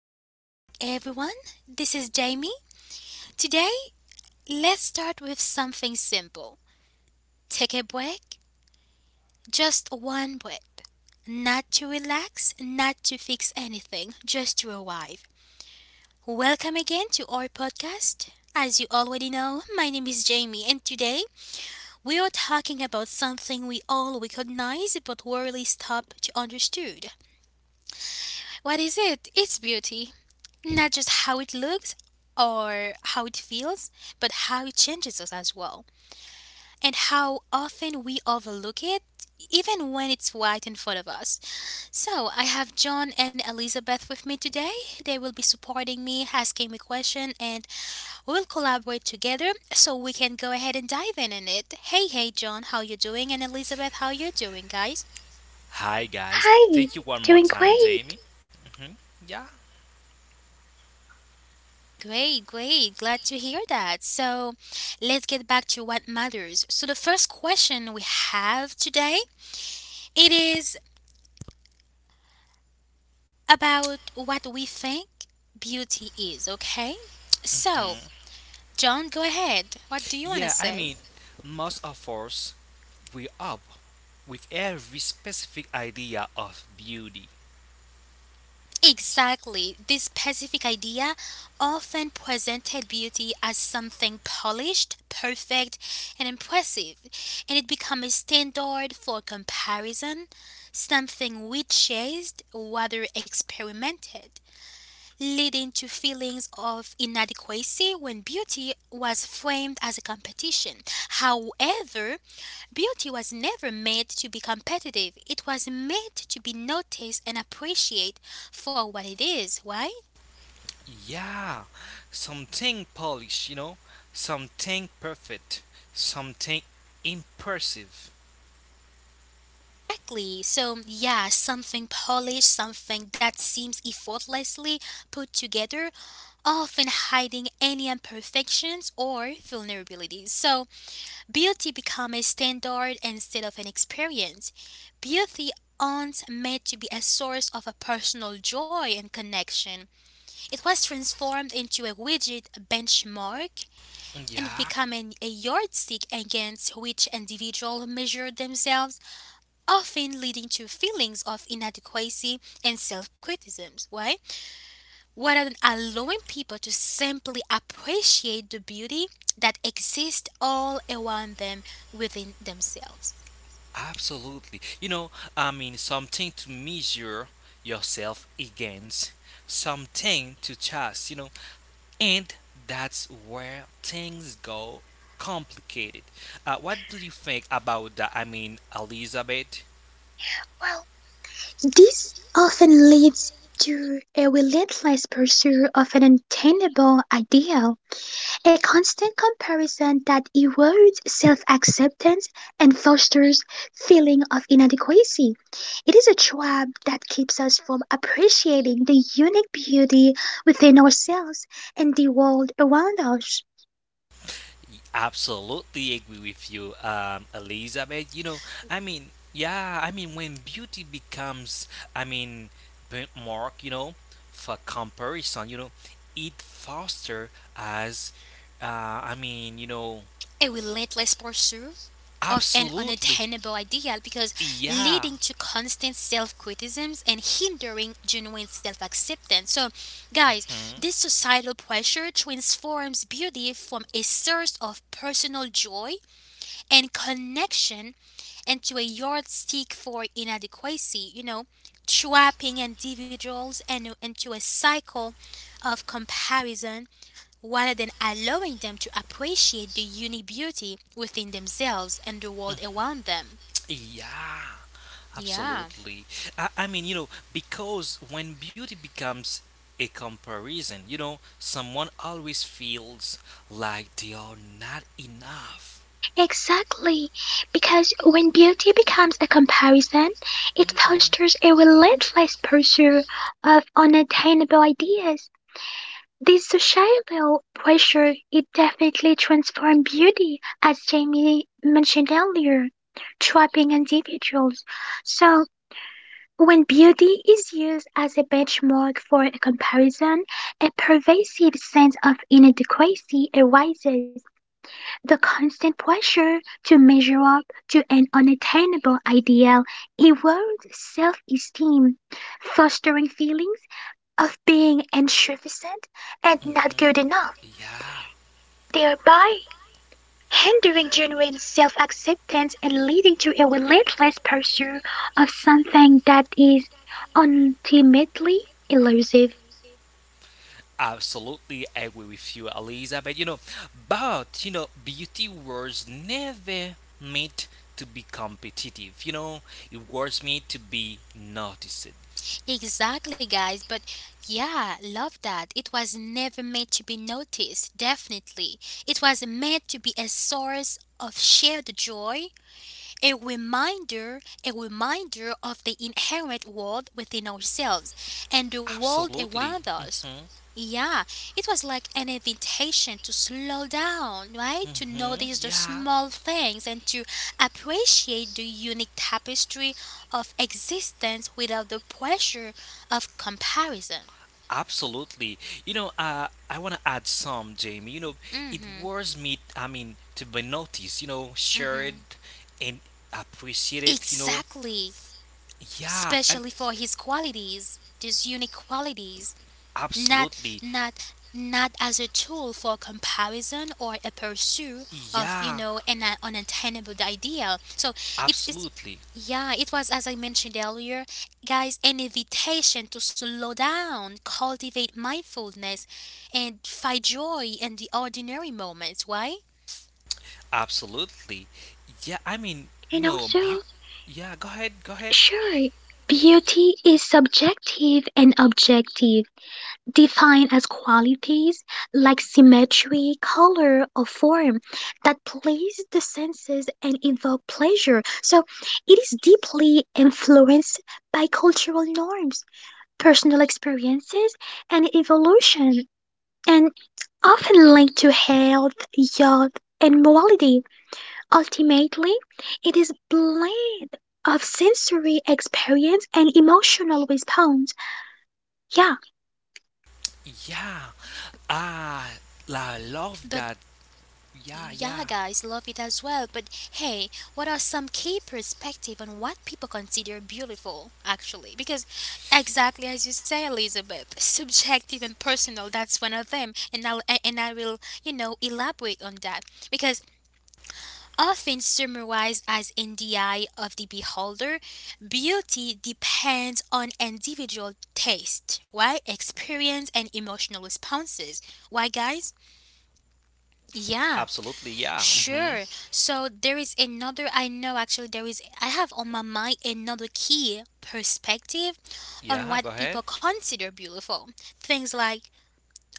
Welcome back everyone. This is Jamie. Today, let's start with something simple. Take a break, just one breath. Not to relax, not to fix anything, just to arrive. Welcome again to our podcast. As you already know, my name is Jamie, and today we are talking about something we all recognize but rarely stop to understand. What is it? It's beauty. Not just how it looks or how it feels, but how it changes us as well. And how often we overlook it, even when it's right in front of us. So, I have John and Elizabeth with me today. They will be supporting me, asking me questions, and we'll collaborate together so we can go ahead and dive in it. Hey, John, how you doing? And Elizabeth, how you doing, guys? Hi guys, Hi, thank you one doing more time, great. Jamie. Hmm. Yeah, Great, great. Glad to hear that. So let's get back to what matters. So the first question we have today, it is about what we think beauty is, okay? So, mhm. John, go ahead. What do you want to Yeah. I say? mean, most of us we up with every specific idea of beauty. Exactly. This specific idea often presented beauty as something polished, perfect, and impressive, and it became a standard for comparison, something we chased rather experimented, leading to feelings of inadequacy when beauty was framed as a competition. However, beauty was never meant to be competitive, it was meant to be noticed and appreciated for what it is, right? Yeah, something polished, you know, something perfect, something impressive. Exactly. So, yeah, something polished, something that seems effortlessly put together, often hiding any imperfections or vulnerabilities. So, beauty becomes a standard instead of an experience. Beauty aren't meant to be a source of a personal joy and connection. It was transformed into a rigid benchmark, and it Yeah. became a yardstick against which individuals measure themselves, often leading to feelings of inadequacy and self criticism. Why? Rather than allowing people to simply appreciate the beauty that exists all around them within themselves. Absolutely. You know, I mean, something to measure yourself against, something to chase, you know, and that's where things go complicated. What do you think about that? I mean, Elizabeth? Well, this often leads to a relentless pursuit of an attainable ideal, a constant comparison that erodes self acceptance and fosters feeling of inadequacy. It is a trap that keeps us from appreciating the unique beauty within ourselves and the world around us. Absolutely agree with you, Elizabeth. You know, I mean, yeah, I mean, when beauty becomes, I mean, benchmark, you know, for comparison, you know, it foster as, I mean, you know, A relentless pursuit of an absolutely, unattainable ideal, because yeah. leading to constant self-criticisms and hindering genuine self-acceptance. So, guys, Hmm. this societal pressure transforms beauty from a source of personal joy and connection into a yardstick for inadequacy, trapping individuals and into a cycle of comparison rather than allowing them to appreciate the unique beauty within themselves and the world around them. Yeah, Yeah, absolutely. I mean, you know, because when beauty becomes a comparison, you know, someone always feels like they are not enough. Exactly, because when beauty becomes a comparison, it fosters a Hmm. relentless pursuit of unattainable ideas. This societal pressure it definitely transforms beauty, as Jamie mentioned earlier, trapping individuals. So when beauty is used as a benchmark for a comparison, a pervasive sense of inadequacy arises the constant pressure to measure up to an unattainable ideal erodes self esteem, fostering feelings of being insufficient and not good enough, Yeah, thereby hindering genuine self acceptance and leading to a relentless pursuit of something that is ultimately elusive. absolutely agree with you, Elizabeth. You know, but you know, beauty was never meant to be competitive. You know, it was meant to be noticed. exactly, guys. But yeah, love that. It was never meant to be noticed, definitely. It was meant to be a source of shared joy, a reminder a reminder of the inherent world within ourselves and the world around Absolutely. us. Mhm. Yeah, it was like an invitation to slow down, right, to notice Mhm. the Yeah. small things and to appreciate the unique tapestry of existence without the pressure of comparison. Absolutely. You know, I want to add some, Jamie. You know, it Mhm. was me. I mean, to be noticed. You know, Mhm. shared and appreciated. You know. Exactly, Yeah. especially I'm for his qualities, these unique qualities, not absolutely. not as a tool for comparison or a pursuit of Yeah. An unattainable ideal. So it's, Absolutely. yeah, it was, as I mentioned earlier, guys, an invitation to slow down, cultivate mindfulness, and find joy in the ordinary moments. Why? Absolutely. Yeah. I mean, And you know, also, beau yeah. Go ahead. Go ahead. sure, beauty is subjective and objective. Defined as qualities like symmetry, color, or form that please the senses and evoke pleasure. So it is deeply influenced by cultural norms, personal experiences, and evolution, and often linked to health, youth, and morality. Ultimately, it is blend of sensory experience and emotional response. Yeah, Yeah. Ah, I love But that. Yeah. Yeah. yeah, guys, love it as well. But hey, what are some key perspective on what people consider beautiful, actually? Because exactly as you say, Elizabeth, subjective and personal, that's one of them. And I will, elaborate on that. Because often summarized as in the eye of the beholder, beauty depends on individual taste, right? Experience and emotional responses. Why, guys? Yeah. Absolutely. Yeah. Mm-hmm. Sure. So there is another, I know actually, there is, I have on my mind another key perspective on what Yeah, go people ahead. consider beautiful. Things like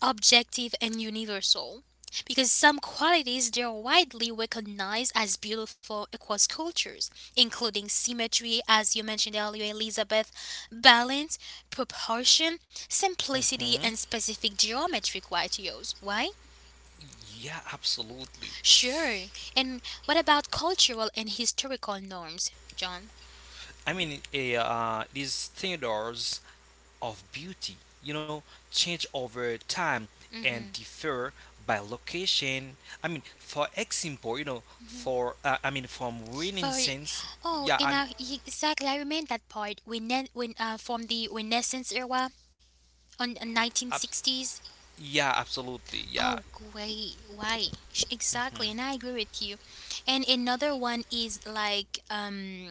objective and universal. Because some qualities they are widely recognized as beautiful across cultures, including symmetry, as you mentioned earlier, Elizabeth, balance, proportion, simplicity, Hmm. and specific geometric ratios. Why? Yeah, absolutely. Sure. And what about cultural and historical norms, John? I mean, these standards of beauty, you know, change over time and differ by location. I mean, for example, you know, for I mean, from For Renaissance. Oh, Yeah, I mean, exactly, I remember that part. When from the Renaissance era on nineteen ab- sixties yeah, absolutely. Yeah. Oh, great. Why? Exactly. And Hmm. I agree with you. And another one is like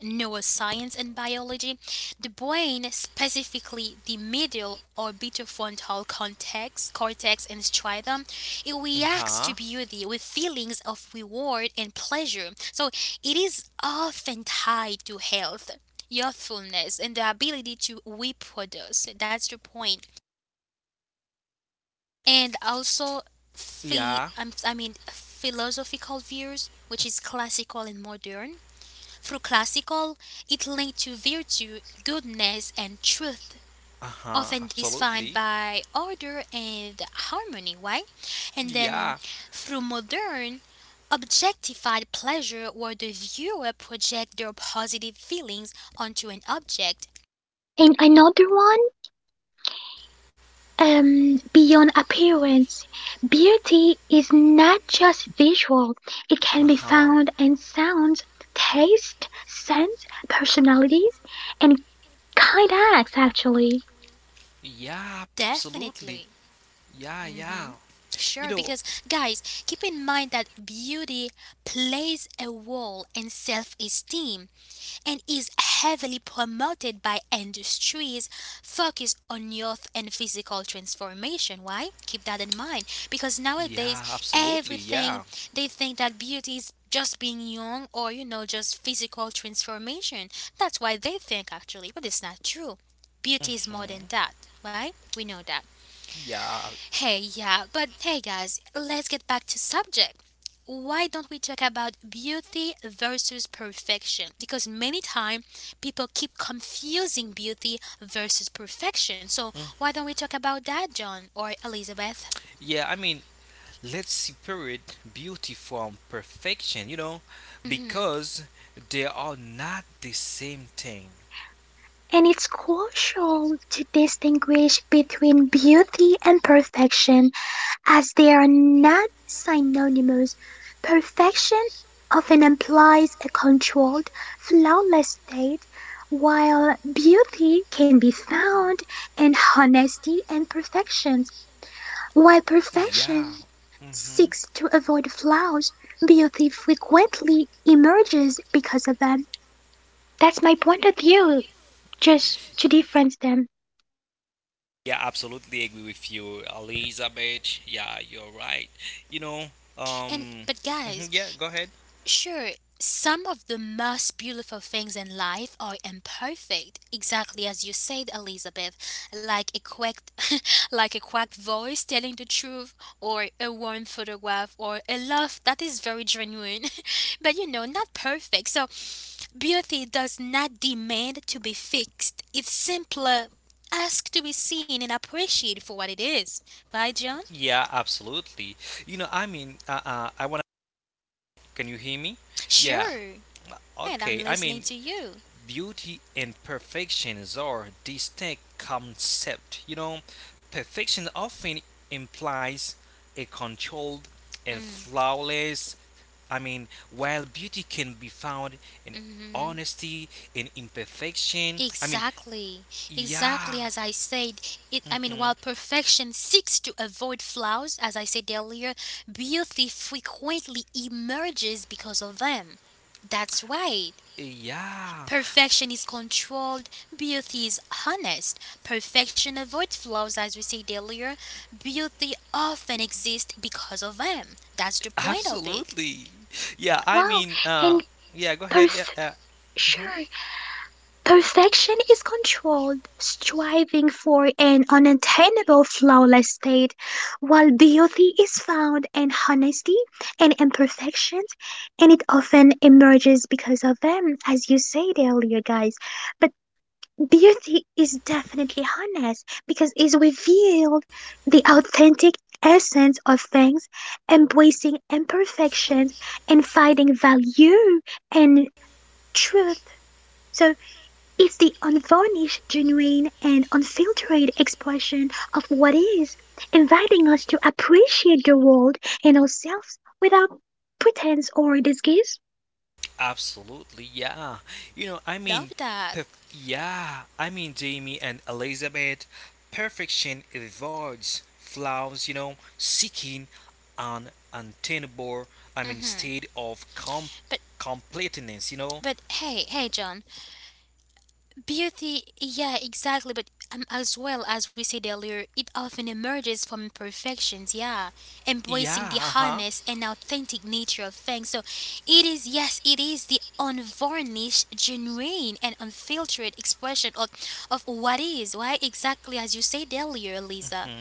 neuroscience and biology. The brain, specifically the medial orbital frontal cortex and striatum, it reacts to Uh-huh. beauty with feelings of reward and pleasure. So it is often tied to health. Youthfulness and the ability to reproduce. That's the point. And also, Yeah. I mean, philosophical views, which is classical and modern. Through classical, it linked to virtue, goodness, and truth, often Uh-huh. defined Absolutely. by order and harmony, right? And then Yeah. through modern, objectified pleasure, where the viewer project their positive feelings onto an object. and another one. Beyond appearance, beauty is not just visual, it can be Uh found in huh. sounds, taste, scents, personalities, and kind acts actually. Yeah, Definitely. absolutely. Yeah, hmm yeah. Sure, You because, know, guys, keep in mind that beauty plays a role in self esteem and is heavily promoted by industries focused on youth and physical transformation. Why? Keep that in mind, because nowadays, yeah, everything absolutely. they Yeah. think that beauty is just being young or just physical transformation. That's why they think actually, but it's not true. Beauty is more than that, right? Mhm. We know that. Hey, Yeah. yeah, but hey guys, let's get back to subject. Why don't we talk about beauty versus perfection? Because many times people keep confusing beauty versus perfection. So why don't we talk about that, John or Elizabeth? Yeah, I mean, let's separate beauty from perfection, you know, hmm because they are not the same thing. And it's crucial to distinguish between beauty and perfection, as they are not synonymous. Perfection often implies a controlled, flawless state, while beauty can be found in honesty and perfections. While perfection seeks to avoid flaws, beauty frequently emerges because of them. That's my point of view, just to difference them. Yeah, absolutely agree with you, Elizabeth. Yeah, you're right. You know, And um, but, mhm, guys, yeah, go ahead. sure, some of the most beautiful things in life are imperfect, exactly as you said, Elizabeth, like a quacked, like a quacked voice telling the truth, or a worn photograph, or a love that is very genuine, but not perfect. So, beauty does not demand to be fixed. It's simpler ask to be seen and appreciated for what it is. Right, John? Yeah, absolutely. You know, I mean, I wanna. Can you hear me? Yeah. Sure. And I'm Okay. I mean, listening to you. beauty and perfections are distinct concepts. You know, perfection often implies a controlled and flawless. I mean, while beauty can be found in hmm honesty and imperfection. I mean, Exactly, yeah, exactly as I said. I mean, while mhm, perfection seeks to avoid flaws, as I said earlier, beauty frequently emerges because of them. That's right. yeah, Perfection is controlled, beauty is honest. Perfection avoids flaws, as we said earlier. Beauty often exists because of them. That's the point of it. absolutely. Yeah, I Wow, mean, and yeah. Go ahead. Yeah, perf mhm. sure. Perfection is controlled striving for an unattainable flawless state, while beauty is found in honesty and imperfections, and it often emerges because of them, as you said earlier, guys. But beauty is definitely honest because it's revealed the authentic essence of things, embracing imperfections and finding value and truth. So it's the unvarnished, genuine, and unfiltered expression of what is, inviting us to appreciate the world and ourselves without pretense or disguise. Absolutely, yeah. You know, I mean, Love that. perf- yeah, I mean, Jamie and Elizabeth, perfection avoids flaws, you know, seeking an untenable, I mean, hmm state of But completeness, you know. but hey, John, beauty, yeah, exactly. But as well as we said earlier, it often emerges from imperfections, yeah, embracing Yeah, the uh-huh. honest and authentic nature of things. So it is, yes, it is the unvarnished, genuine, and unfiltered expression of what is, right? Exactly as you said earlier, Lisa Mhm,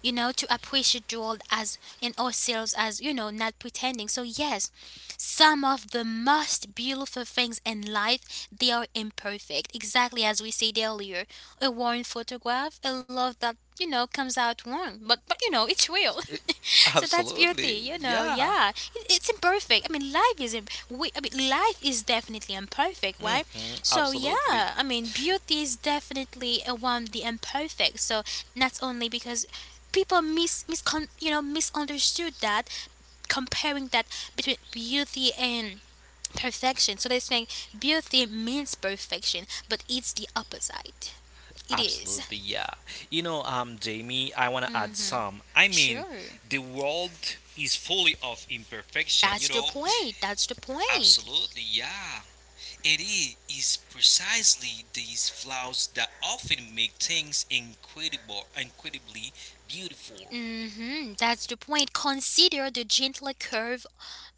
you know, to appreciate the world as in ourselves as, not pretending. So yes, some of the most beautiful things in life, they are imperfect. Exactly as we said earlier. A worn photograph, a love that comes out wrong. But it's real. So that's beauty, absolutely, you know. yeah. Yeah, it's imperfect. I mean, life is imp- we. I mean, life is definitely imperfect, right? Hmm. So yeah, Absolutely. I mean, beauty is definitely a one the imperfect. So not only because people mis miscon you know misunderstood that, comparing that between beauty and perfection. So they think beauty means perfection, but it's the opposite. It is. Absolutely, yeah. You know, Jamie, I want to add Mm-hmm. some. I mean, Sure. the world is fully of imperfection, That's you the know, point. That's the point. absolutely, yeah. It is precisely these flaws that often make things incredibly beautiful. That's the point. Consider the gentler curve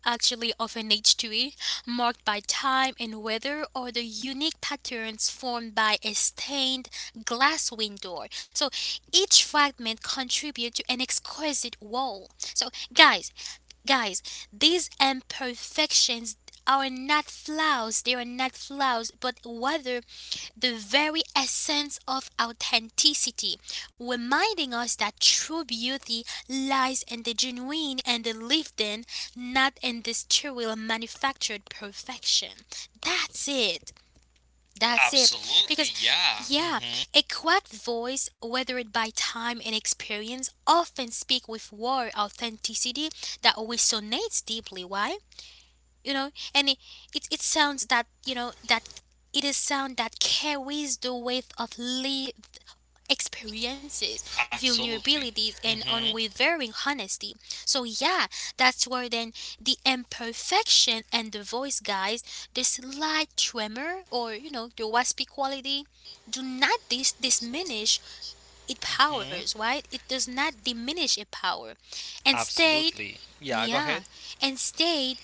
actually of an H2E, marked by time and weather, or the unique patterns formed by a stained glass window. So each fragment contributes to an exquisite wall. So, guys, these imperfections are not flaws, they are not flaws, but rather the very essence of authenticity, reminding us that true beauty lies in the genuine and the lived in, not in the sterile manufactured perfection. That's it. That's it. Absolutely, Because, yeah. yeah, Hmm. a cracked voice, weathered by time and experience, often speak with raw authenticity that resonates deeply. Why? And it sounds that you know that it is sound that carries the weight of lived experiences, Absolutely. vulnerabilities, and Hmm. unwavering honesty. So yeah, that's where then the imperfection and the voice, guys, the slight tremor, or the waspy quality, do not diminish its powers, Hmm. right? It does not diminish its power. Instead, Absolutely. Yeah, go yeah, ahead. instead,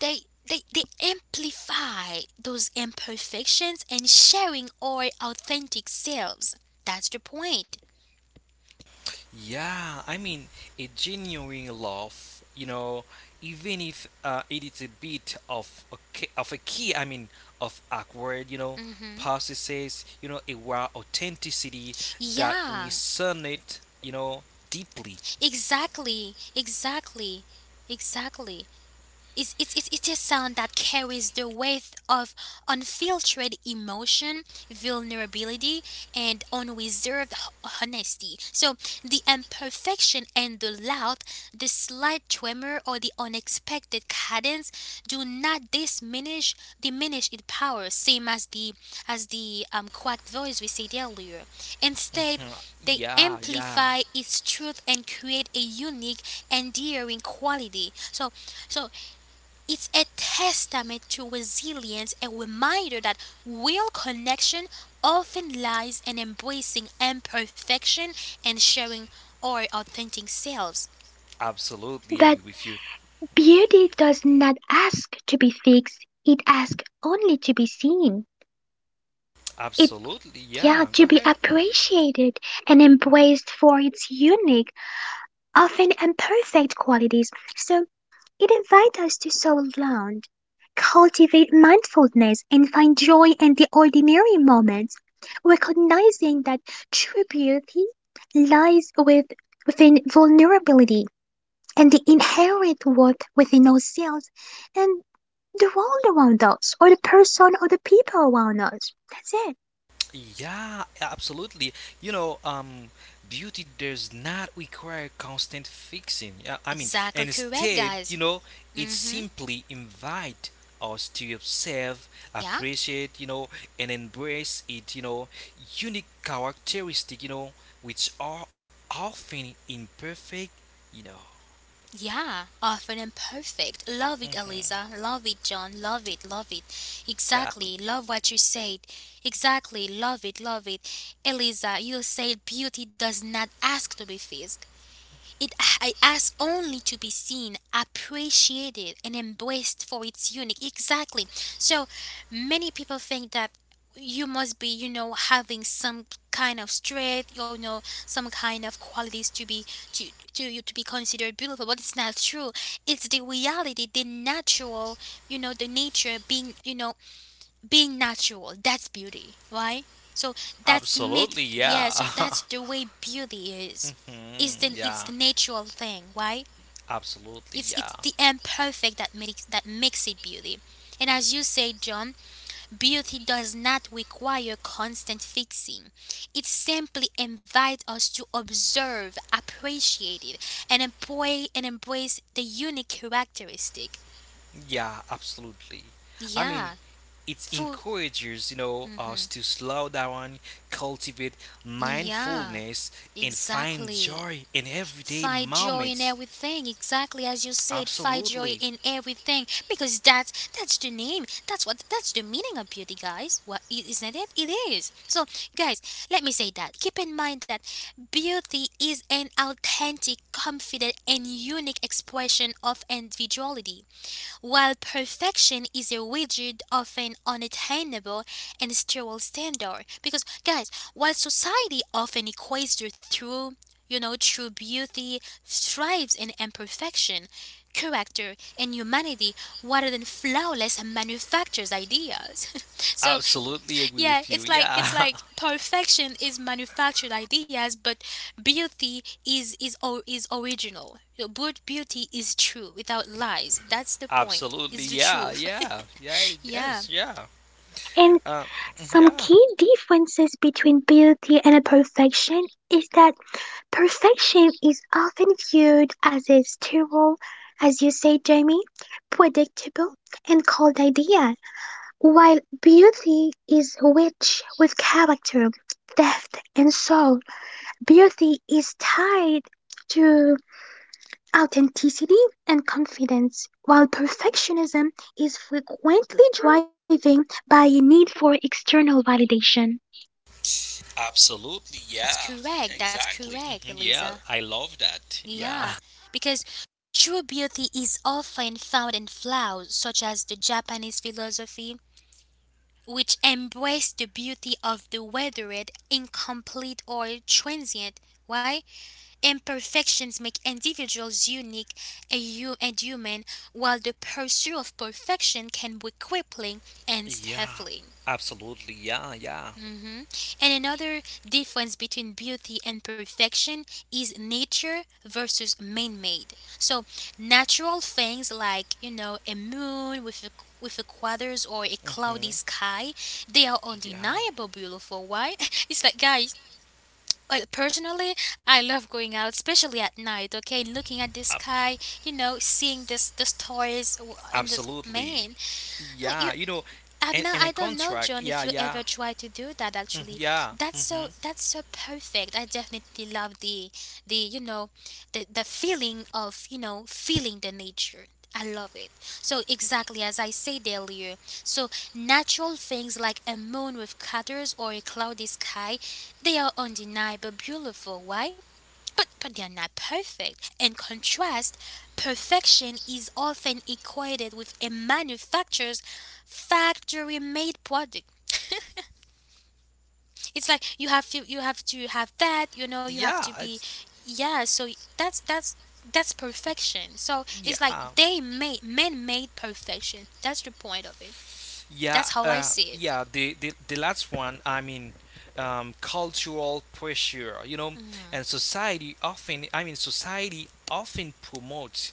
they they amplify those imperfections and sharing our authentic selves. That's the point. Yeah, I mean, a genuine laugh, you know, even if it is a bit of a key, I mean, of awkward, you know, hmm possesses, you know, a raw authenticity that we Yeah, resonate, you know, deeply. exactly, exactly, exactly. It's a sound that carries the weight of unfiltered emotion, vulnerability, and unreserved honesty. So, the imperfection and the loud, the slight tremor, or the unexpected cadence do not diminish its power, same as the quacked voice we said earlier. Instead, they Yeah, yeah, amplify its truth and create a unique, endearing quality. So, it's a testament to resilience, a reminder that real connection often lies in embracing imperfection and sharing our authentic selves. absolutely But agree with you. beauty does not ask to be fixed, it asks only to be seen. It, Absolutely, yeah, yeah. Go to be ahead. appreciated and embraced for its unique, often imperfect qualities. So, it invites us to sow ground, cultivate mindfulness, and find joy in the ordinary moments, recognizing that true beauty lies with, within vulnerability and the inherent worth within ourselves and the world around us, or the person or the people around us. That's it. Yeah, absolutely. You know, beauty does not require constant fixing. Yeah, I mean, Exactly and correct, instead, you guys. know, it Mm-hmm. simply invite us to observe, Yeah, appreciate, you know, and embrace it. You know, unique characteristic. You know, which are often imperfect. You know. yeah. Often imperfect. Love it, Hmm. Eliza. Love it, John. Love it, love it. Yeah, Exactly. Love what you said. Exactly. Love it, love it. Eliza, you said beauty does not ask to be fixed. It, I ask only to be seen, appreciated, and embraced for its unique. Exactly. So many people think that you must be, having some kind of strength, some kind of qualities to be to you to be considered beautiful. But it's not true. It's the reality, the natural, the nature being, being natural, that's beauty, right? So that's make, absolutely. yeah, Yeah. so that's the way beauty is is Mhm, the it's the yeah, natural thing, right. absolutely. it's Yeah. it's the imperfect that makes it beauty. And as you say, John, beauty does not require constant fixing. It simply invites us to observe, appreciate it, and employ and embrace the unique characteristic. Yeah, absolutely. I mean, Yeah, it full. encourages us to slow down, cultivate Yeah, mindfulness, and find exactly. joy in everyday Find joy in moments. everything, exactly as you said. Find joy Absolutely, in everything because that's the name. That's the meaning of beauty, guys. What isn't it? It is. So, guys, let me say that. Keep in mind that beauty is an authentic, confident, and unique expression of individuality, while perfection is a rigid, often unattainable, and sterile standard. Because, guys, while society often equates the true, you know, true beauty thrives in imperfection, character, and humanity rather than flawless manufactures ideas. So, absolutely agree yeah, with you. it's like it's Yeah, like perfection is manufactured ideas, but beauty is original. Your good beauty is true without lies. That's the point. absolutely. It's the Yeah, truth. yeah, yeah. It Yeah, is. Yeah. And Uh, some yeah. key differences between beauty and perfection is that perfection is often viewed as a sterile, as you say, Jamie, predictable, and cold idea, while beauty is rich with character, depth, and soul. Beauty is tied to authenticity and confidence, while perfectionism is frequently driven by a need for external validation. Absolutely. that's Yeah. correct. That's Exactly. correct, Hmm. Yeah. Eliza. I love that. Yeah. Yeah, because true beauty is often found in flowers, such as the Japanese philosophy, which embrace the beauty of the weathered, incomplete, or transient. Why? Imperfections make individuals unique and and human, while the pursuit of perfection can be crippling and Yeah. stifling. Absolutely. Yeah. Yeah. Mhm. And another difference between beauty and perfection is nature versus man made. So, natural things like, a moon with a quarters, or a cloudy Hmm. sky, they are Yeah. undeniable beautiful. Why? It's like, guys, well, personally, I love going out, especially at night. Okay, looking at the sky, seeing this the stars in the Absolutely. man. Yeah, you know, I'm and, not, and a I don't know, contract. John, Yeah, if you yeah, ever try to do that mhm, actually. yeah, That's hmm so that's so perfect. I definitely love the you know the feeling of, feeling the nature. I love it. So exactly as I said earlier. So natural things like a moon with craters or a cloudy sky, they are undeniable beautiful, why? But they are not perfect. In contrast, perfection is often equated with a manufacturer's factory-made product. It's like you have to have that, you have to yeah, be. Yeah, so that's that's that's perfection. So it's like yeah, they made men made perfection. That's the point of it. yeah, That's how I see it. yeah. The last one, I mean, cultural pressure. You know, and society often, I mean, society often promotes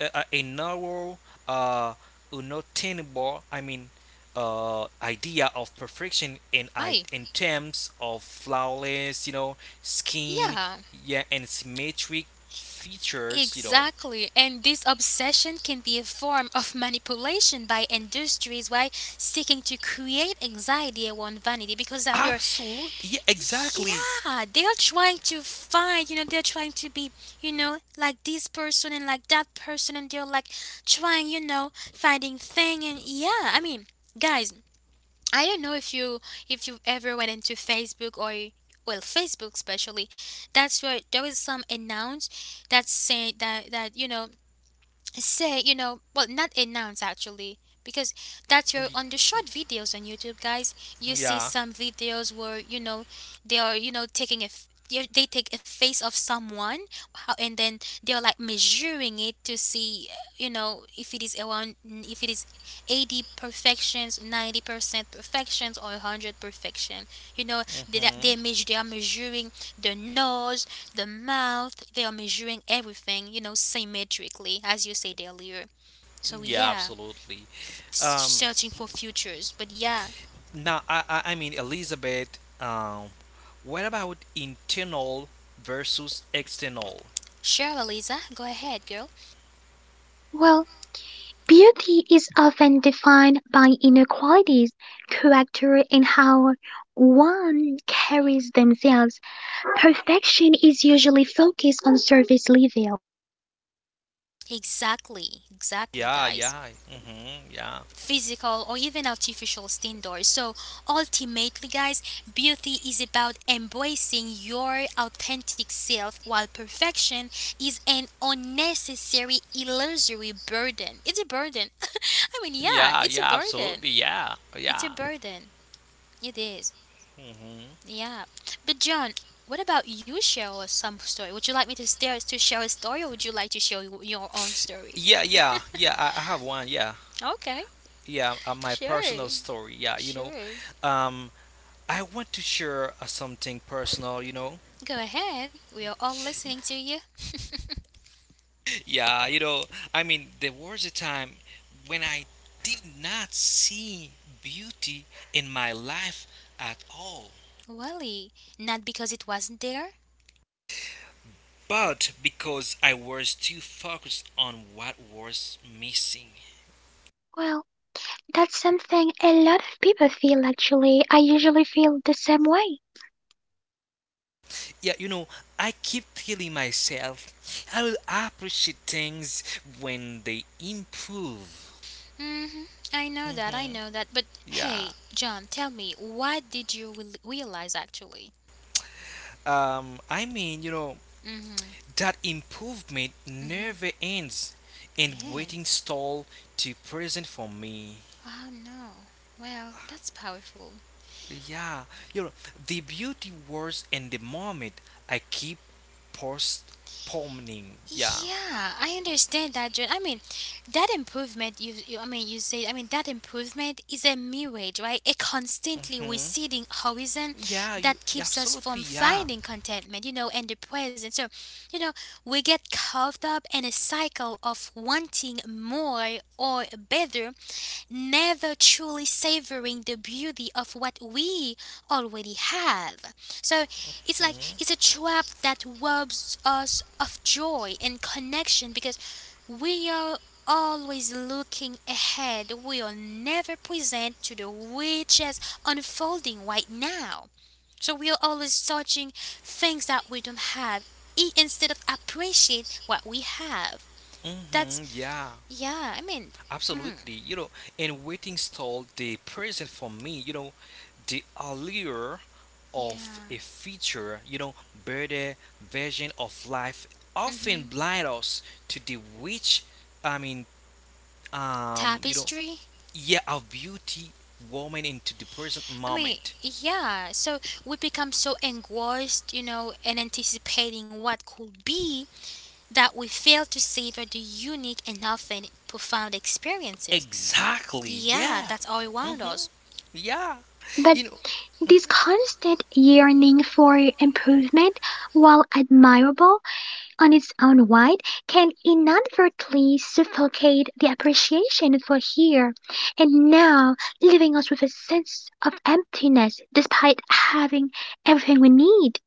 a narrow, uh, unattainable, I mean, idea of perfection in Right. in terms of flawless, you know, skin, Yeah. yeah, and symmetric features, you know. Exactly. And this obsession can be a form of manipulation by industries, why seeking to create anxiety around vanity, because that's where, Absolutely, yeah, exactly. yeah, they are trying to find, they're trying to be, like this person and like that person, and they're like trying, finding thing, and yeah, I mean, guys, I don't know if you ever went into Facebook, or, well, Facebook especially, that's where there was some announce that saying that, say, well, not announce actually, because that's Y- your on the short videos on YouTube, guys. You see Yeah. some videos where, they are, taking a f- you- they take a face of someone, how, and then they're like measuring it to see, if it is around, if it is 80 perfections, 90% perfections, or 100 perfection, you know they, Hmm. they measure they are measuring the nose, the mouth. They are measuring everything, symmetrically, as you said earlier. So Yeah, yeah, absolutely. Um, searching for futures. But yeah, now, I mean, Elizabeth, what about internal versus external? sure, Eliza, go ahead, girl. Well, beauty is often defined by inner qualities, character, and how one carries themselves. Perfection is usually focused on surface level. Exactly, exactly, Yeah, guys. yeah. Hmm. Yeah. Physical or even artificial standards. So ultimately, guys, beauty is about embracing your authentic self, while perfection is an unnecessary, illusory burden. It's a burden. I mean, yeah, Yeah, it's a yeah, burden. absolutely. Yeah, It's a yeah. burden. It is. Hmm. Yeah. But John, what about you share us some story? Would you like me to share a story, or would you like to share your own story? Yeah, yeah, yeah. I have one. Yeah, Okay. yeah. My personal Sure. story. Yeah, you know, Sure. um, I want to share something personal. You know. Go ahead. We are all listening to you. Yeah, you know. I mean, there was a time when I did not see beauty in my life at all, Wally, not because it wasn't there? but because I was too focused on what was missing. Well, that's something a lot of people feel actually. I usually feel the same way. Yeah, you know, I keep telling myself I will appreciate things when they improve. Mm-hmm. I know that, I Hmm. know that. But Yeah. hey, John, tell me, what did you realize actually? I mean, you know, Mm-hmm. that improvement Mm-hmm. never ends, and Man. waiting stall to present for me. Oh no. Well, that's powerful. Yeah, you know, the beauty was in the moment. I keep postponing. Yeah. Yeah, I understand that, John. I mean, that improvement, you say, I mean, that improvement is a mirage, right? A constantly Hmm. receding horizon Yeah, you that yeah, keeps us absolutely. from Yeah. finding contentment, and the present. So, you know, we get caught up in a cycle of wanting more or better, never truly savoring the beauty of what we already have. So it's like it's Hmm. a trap that robs us of joy and connection, because we are always looking ahead. We are never present to the riches unfolding right now. So we are always searching things that we don't have instead of appreciate what we have. That's, Hmm. Yeah. yeah, I mean, hmm, Absolutely, you know, and waiting stalled the present for me, you know, the allure of a yeah. future, you know, better version of life Mm-hmm. often blind us to the rich, I mean, you know, Tapestry. yeah, of beauty woman into the present I mean, moment. yeah, so we become so engrossed, in anticipating what could be, that we fail to savor the unique and often profound experiences. Exactly, Yeah, yeah, that's all around us. yeah, But you know, this constant yearning for improvement, while admirable, on its own right can inadvertently suffocate the appreciation for here and now, leaving us with a sense of emptiness despite having everything we need.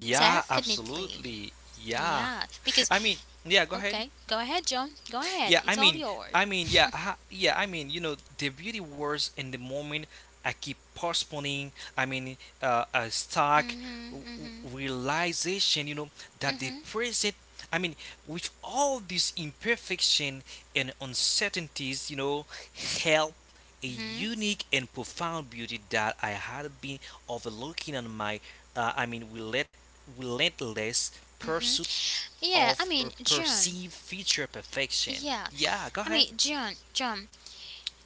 yeah, Definitely. absolutely, yeah. Yeah, because, I mean, yeah, go ahead. okay, go ahead, John. Go ahead. Yeah, I It's all mean, yours. Yeah, yeah, I mean, you know, the beauty wars in the moment. I keep postponing. I mean, a stark Hmm. Hmm. realization, you know, that Hmm. the present. I mean, with all this imperfection and uncertainties, you know, help a Hmm. unique and profound beauty that I had been overlooking on my. I mean, relentless Hmm. pursuit Yeah, I of mean, or John. perceived future perfection. Yeah, Yeah, go I ahead. mean, John, John.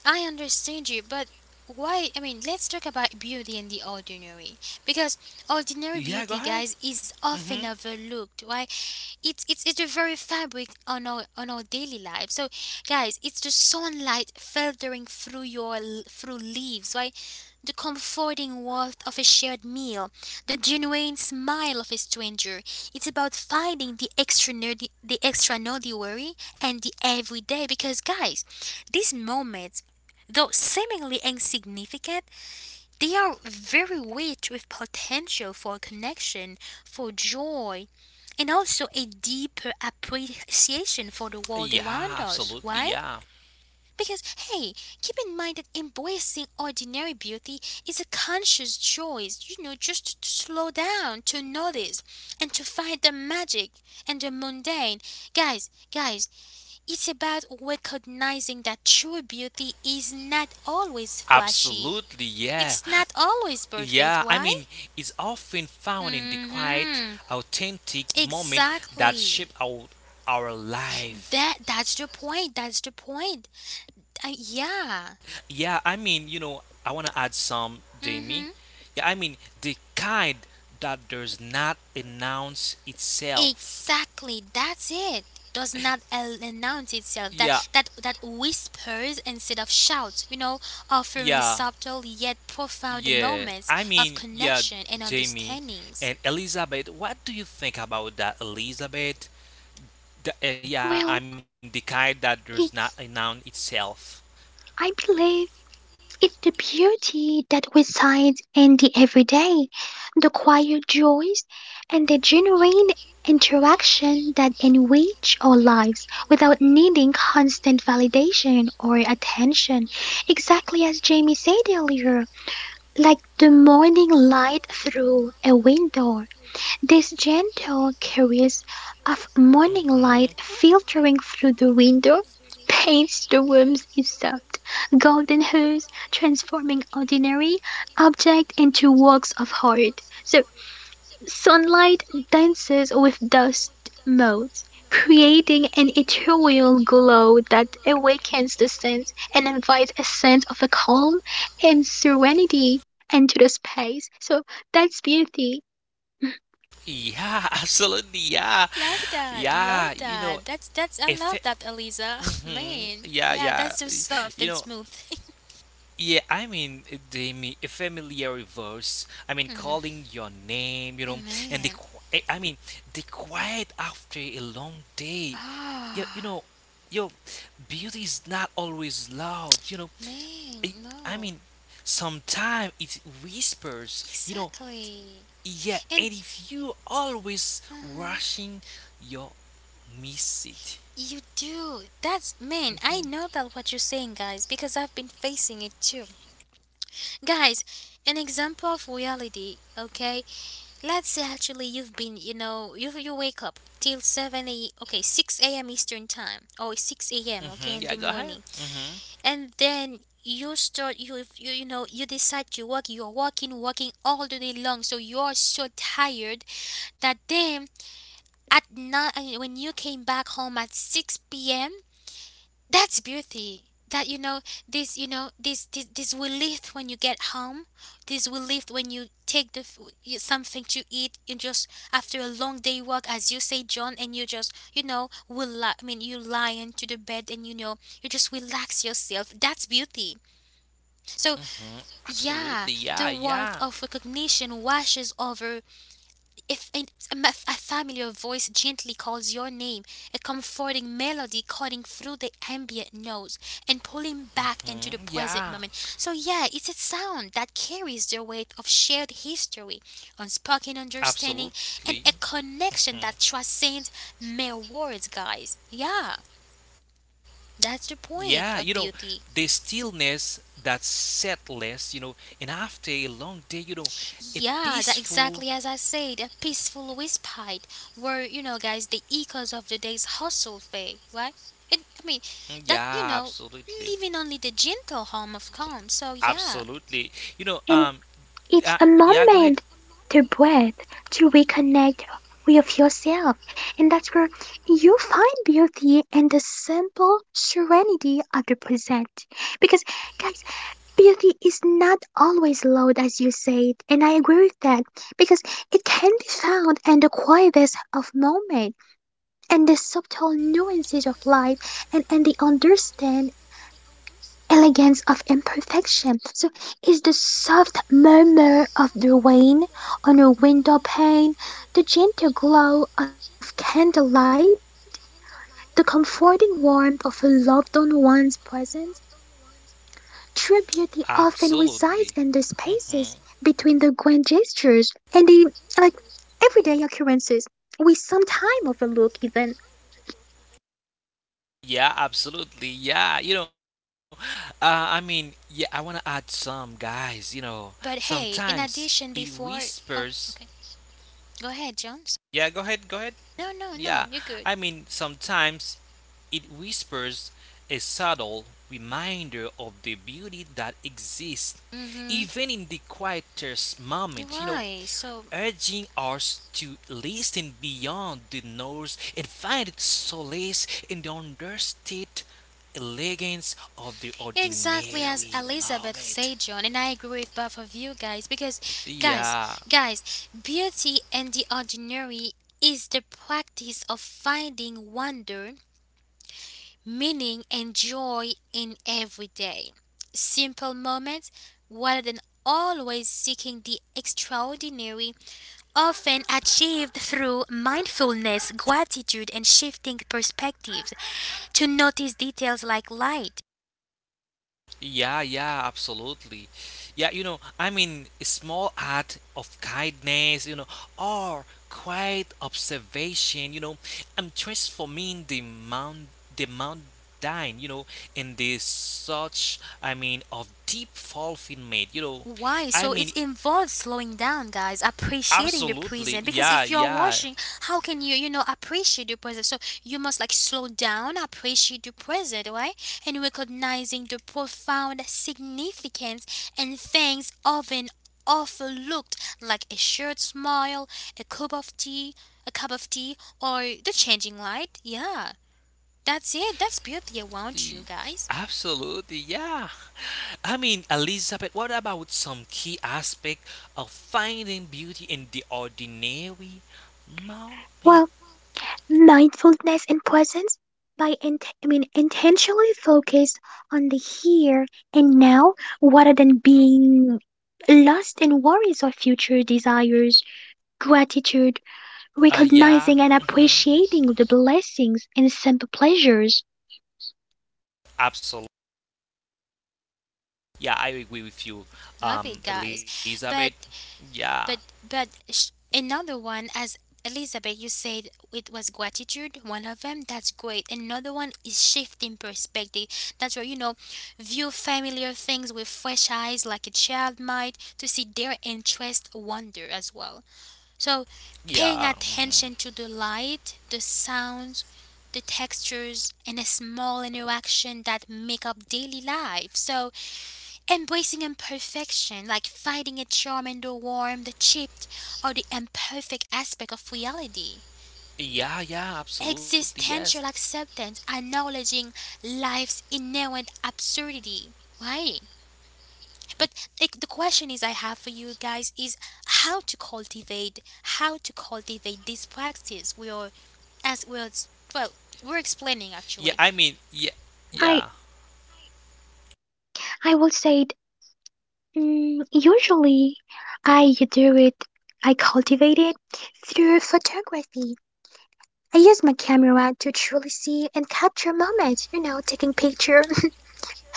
I understand you, but why? I mean, let's talk about beauty and the ordinary, because ordinary Yeah, go beauty, ahead. guys, is often Mm-hmm. overlooked. Why? It's the very fabric on our daily life. So, guys, it's the sunlight filtering through leaves, right? The comforting warmth of a shared meal, the genuine smile of a stranger. It's about finding the extra nerdy worry and the everyday. Because, guys, these moments, though seemingly insignificant, they are very rich with potential for connection, for joy, and also a deeper appreciation for the world Yeah, around us. absolutely. Why? Yeah. Because, hey, keep in mind that embracing ordinary beauty is a conscious choice, just to slow down, to notice, and to find the magic and the mundane. Guys, guys, it's about recognizing that true beauty is not always flashy, Absolutely, yeah. it's not always perfect, Yeah, I why? mean, it's often found in the quiet, Mm-hmm. authentic moment that Exactly. shape our life. That's the point. That's the point. Yeah. Yeah, I mean, you know, I want to add some, Jamie. Mm-hmm. Yeah, I mean, the kind that does not announce itself. Exactly. That's it. Does not announce itself. Yeah, That whispers instead of shouts. Offering yeah, subtle yet profound yeah, moments I of mean, yeah, connection and Jamie understandings. and Elizabeth, what do you think about that, Elizabeth? Yeah, I mean, the Well, kind that does not a noun it's, itself. I believe, it's the beauty that resides in the everyday, the quiet joys, and the genuine interaction that enrich our lives without needing constant validation or attention. Exactly as Jamie said earlier, like the morning light through a window. This gentle caress of morning Hmm. light filtering through the window paints the rooms in soft, golden hues, transforming ordinary objects into works of art. So sunlight dances with dust motes, creating an ethereal glow that awakens the sense and invites a sense of a calm and serenity into the space. So that's beauty. Yeah, absolutely. Yeah, Love that, love yeah. You know, that. That's I if love it, that, Eliza. hmm Man, yeah, yeah, that's yeah. so soft You and know, smooth. yeah, I mean the a familiar voice. I mean Hmm. calling your name, you know, and the Man. I mean the quiet after a long day. You Ah. know, your beauty is not always loud. You know, Eh, Man. I No. mean sometimes it whispers. You know, Exactly. yeah, And and if you always uh-huh, rushing, you miss it. you do. That's man. I know that what you're saying, guys, because I've been facing it too. Guys, an example of reality. Okay. Let's say actually you've been, you wake up till seven a. Okay, six a.m. Eastern time, or six a.m. Mm-hmm. Yeah, Okay, go in the ahead. morning, Mm-hmm. and then you start, you if you, you know you decide to walk. You're walking all the day long, so you're so tired that then at night, when you came back home at 6 p.m., that's beauty. That, this, this will lift when you get home. This will lift when you take something to eat. You just, after a long day work, as you say, John, and you just, will, I mean, you lie into the bed, and, you just relax yourself. That's beauty. So, Hmm. yeah, Absolutely. Yeah, the warmth yeah. of recognition washes over. If a familiar voice gently calls your name, a comforting melody cutting through the ambient noise and pulling back into the Hmm. present moment. Yeah. So, yeah, it's a sound that carries the weight of shared history, unspoken understanding, and a Absolutely. connection that transcends mere words, guys. Yeah, that's the point Yeah, of you know, beauty. the stillness that settles, you know, and after a long day, you know, a Yeah, that peaceful. exactly as I said, a peaceful respite where, guys, the echoes of the day's hustle fade, right? And I mean, Mm, that, you yeah, know, absolutely. leaving only the gentle hum of calm. So, yeah. Absolutely. You know, And it's a uh, yeah, go moment ahead. to breathe, to reconnect with yourself, and that's where you find beauty and the simple serenity of the present. Because, guys, beauty is not always loud, as you said, and I agree with that, because it can be found in the quietest of moments and the subtle nuances of life and the understanding elegance of imperfection. So is the soft murmur of the rain on a window pane, the gentle glow of candlelight, the comforting warmth of a loved one's presence. True beauty often resides in the Absolutely. spaces between the Hmm. grand gestures and the like everyday occurrences we sometimes overlook even. Yeah, absolutely. Yeah, you know, I mean, yeah, I want to add some guys, you know, But hey, in sometimes addition, it before. Oh, whispers. okay. Go ahead, Jones. Yeah, go ahead, go ahead. No, no, no, you're Yeah, good. I mean, sometimes it whispers a subtle reminder of the beauty that exists Mm hmm. even in the quietest moment, you know, Right. So, urging us to listen beyond the noise and find solace in the understated elegance of the ordinary exactly as moment. Elizabeth said, John, and I agree with both of you guys, because, guys, Yeah. guys, beauty and the ordinary is the practice of finding wonder, meaning, and joy in every day. Simple moments, rather than always seeking the extraordinary, often achieved through mindfulness, gratitude, and shifting perspectives to notice details like light. Yeah, yeah, absolutely. Yeah, you know, I mean, a small act of kindness, you know, or quiet observation, you know, I'm transforming the mundane, you know, in this such, I mean, of deep fulfillment, you know. Why? I So it mean, involves slowing down, guys, appreciating the absolutely. present. Because Yeah, if you're yeah. watching, how can you, appreciate the present? So you must like slow down, appreciate the present, right? And recognizing the profound significance and things often overlooked, like a shared smile, a cup of tea, a cup of tea, or the changing light. Yeah, that's it. That's beauty around Y- you, guys. Absolutely, yeah. I mean, Elizabeth, what about some key aspect of finding beauty in the ordinary Well, moment? mindfulness and presence by I mean intentionally focus on the here and now rather than being lost in worries or future desires. Gratitude, recognizing and Yeah. Mm-hmm. appreciating the blessings and simple pleasures. Absolutely. Yeah, I agree with you, Love it, guys. Elizabeth. But Yeah. Another one, as Elizabeth, you said, it was gratitude. One of them, that's great. Another one is shifting perspective. That's where, you know, view familiar things with fresh eyes, like a child might, to see their interest, wonder as well. So, paying Yeah. attention to Mm-hmm. the light, the sounds, the textures, and a small interaction that make up daily life. So, embracing imperfection, like finding a charm in the warm, the chipped, or the imperfect aspect of reality. Yeah. Yeah. Absolutely. Existential Yes. acceptance, acknowledging life's inherent absurdity. Right? But like, the question is I have for you guys is how to cultivate how to cultivate this practice we are as well, well, we're explaining Yeah. actually. I mean. Yeah. I Yeah. I will say it usually I do it, I cultivate it through photography. I use my camera to truly see and capture moments, you know, taking picture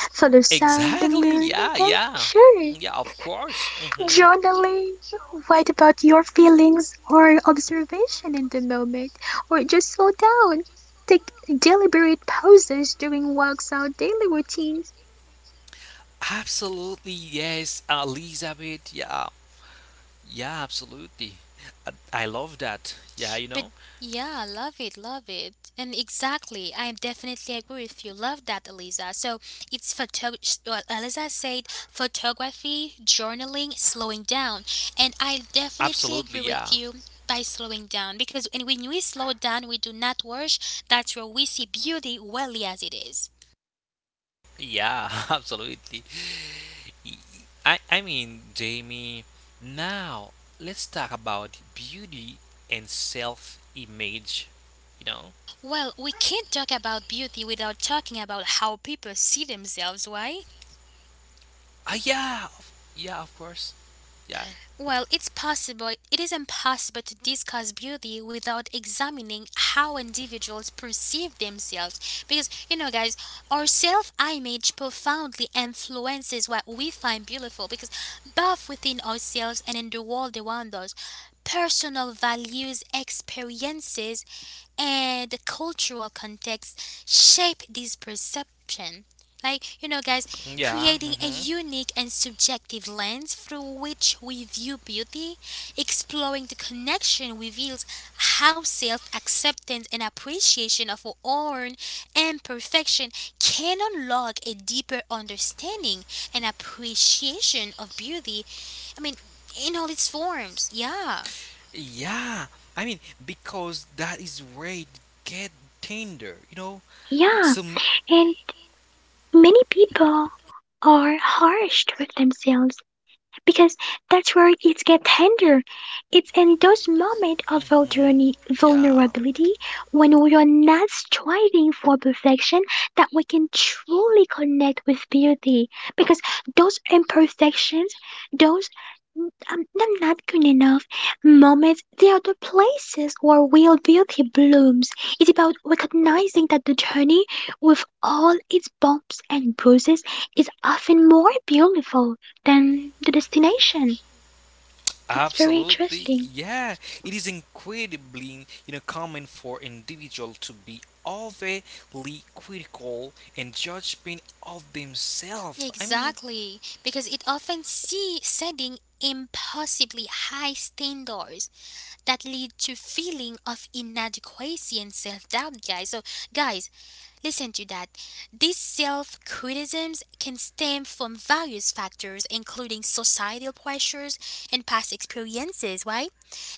the sound of Exactly. moon and Yeah. day, Yeah. sure. Yeah. Of course. Mm-hmm. Journaling. Write about your feelings or observation in the moment, or just slow down. Take deliberate pauses during walks or daily routines. Absolutely. Yes, Elizabeth. Yeah. Yeah, absolutely. I love that. Yeah, you But know? yeah, love it, love it. And exactly, I definitely agree with you. Love that, Eliza. So it's photo. Well, Eliza said photography, journaling, slowing down, and I definitely Absolutely, agree with yeah. you by slowing down, because, and when we slow down, we do not rush. That's where we see beauty really as it is. Yeah, absolutely. Y- I mean, Jamie, now let's talk about beauty and self image, you know? Well, we can't talk about beauty without talking about how people see themselves, right? Ah, yeah, yeah, of course. Yeah. Well, it's possible, it is impossible to discuss beauty without examining how individuals perceive themselves. Because, you know, guys, our self image profoundly influences what we find beautiful. Because both within ourselves and in the world around us, personal values, experiences, and the cultural context shape this perception. Like, you know, guys, Yeah. creating a unique and subjective lens through which we view beauty, exploring the connection reveals how self acceptance and appreciation of our own imperfection can unlock a deeper understanding and appreciation of beauty. I mean, in all its forms, yeah. Yeah, I mean because that is where it get tender, you know. Yeah, Some, and many people are harsh with themselves because that's where it gets tender. It's in those moments of mhm, yeah, vulnerability when we are not striving for perfection that we can truly connect with beauty. Because those imperfections, those I'm not good enough" moments, they are the places where real beauty blooms. It's about recognizing that the journey, with all its bumps and bruises, is often more beautiful. Then the destination. It's very absolutely, interesting. yeah. It is incredibly, you know, common for individual to be overly critical and judgment of themselves. I mean, Exactly, because it often see setting impossibly high standards that lead to feeling of inadequacy and self-doubt, guys. So, guys, listen to that. These self-criticisms can stem from various factors including societal pressures and past experiences, right?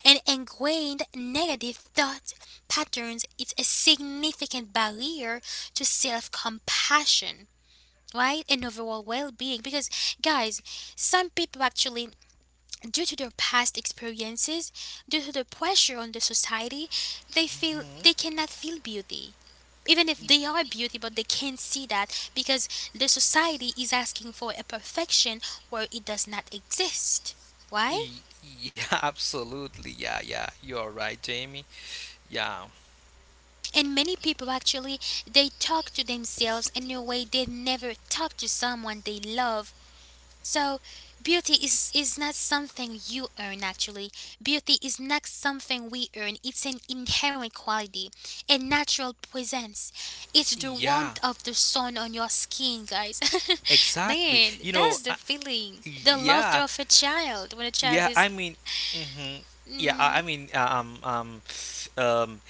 And ingrained negative thought patterns, it's a significant barrier to self-compassion, right? And overall well being. Because, guys, some people actually, due to their past experiences, due to the pressure on the society, they feel mm-hmm. they cannot feel beauty. Even if they are beauty, but they can't see that because the society is asking for a perfection where it does not exist. Why? Y- Yeah, absolutely. Yeah, yeah. You're right, Jamie. Yeah. And many people actually they talk to themselves in a way they've never talked to someone they love. So beauty is not something you earn actually. Beauty is not something we earn. It's an inherent quality, a natural presence. It's the Yeah, warmth of the sun on your skin, guys. exactly. Man, You know, that's the feeling. The laughter yeah. of a child when a child Yeah, is I mean, mhm. Yeah, mm, I mean, um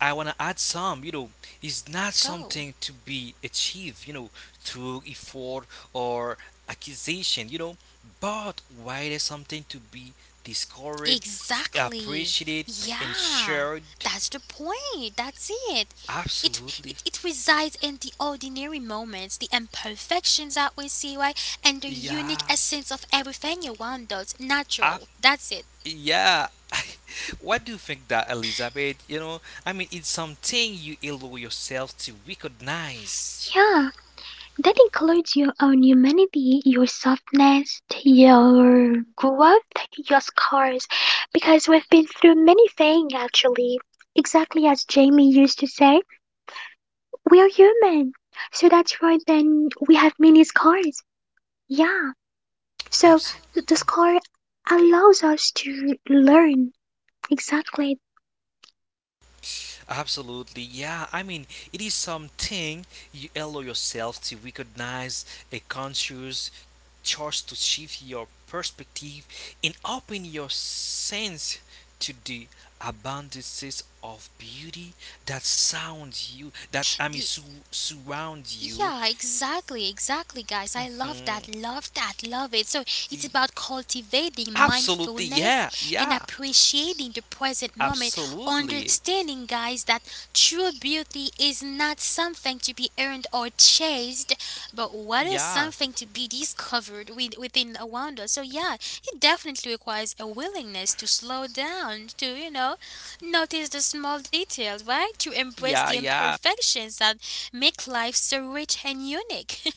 I want to add some, you know, it's not go. something to be achieved, you know, through effort or accusation, you know, but why is something to be discovered, Exactly. appreciated and Yeah. shared? That's the point. That's it. It Absolutely. it resides in the ordinary moments, the imperfections that we see, right? And the unique Yeah, essence of everything around us. I, Natural. That's it. yeah. What do you think that Elizabeth? You know, I mean, it's something you allow yourself to recognize. Yeah, that includes your own humanity, your softness, your growth, your scars, because we've been through many things actually. Exactly as Jamie used to say, we are human. So that's right, then we have many scars. Yeah, so Absolutely, the scar allows us to learn. Exactly. absolutely, yeah. I mean, it is something you allow yourself to recognize a conscious choice to shift your perspective and open your sense to the abundances of beauty that surrounds you. That I mean, The surround you. Yeah, exactly, exactly, guys. I love Mhm. that, love that, love it. So it's about cultivating Absolutely, yeah, mindfulness and yeah, appreciating the present moment, absolutely, understanding, guys, that true beauty is not something to be earned or chased, but what is yeah, something to be discovered with, within around us. So, yeah, it definitely requires a willingness to slow down, to, you know, notice the small details, right? To embrace the yeah, yeah, imperfections that make life so rich and unique.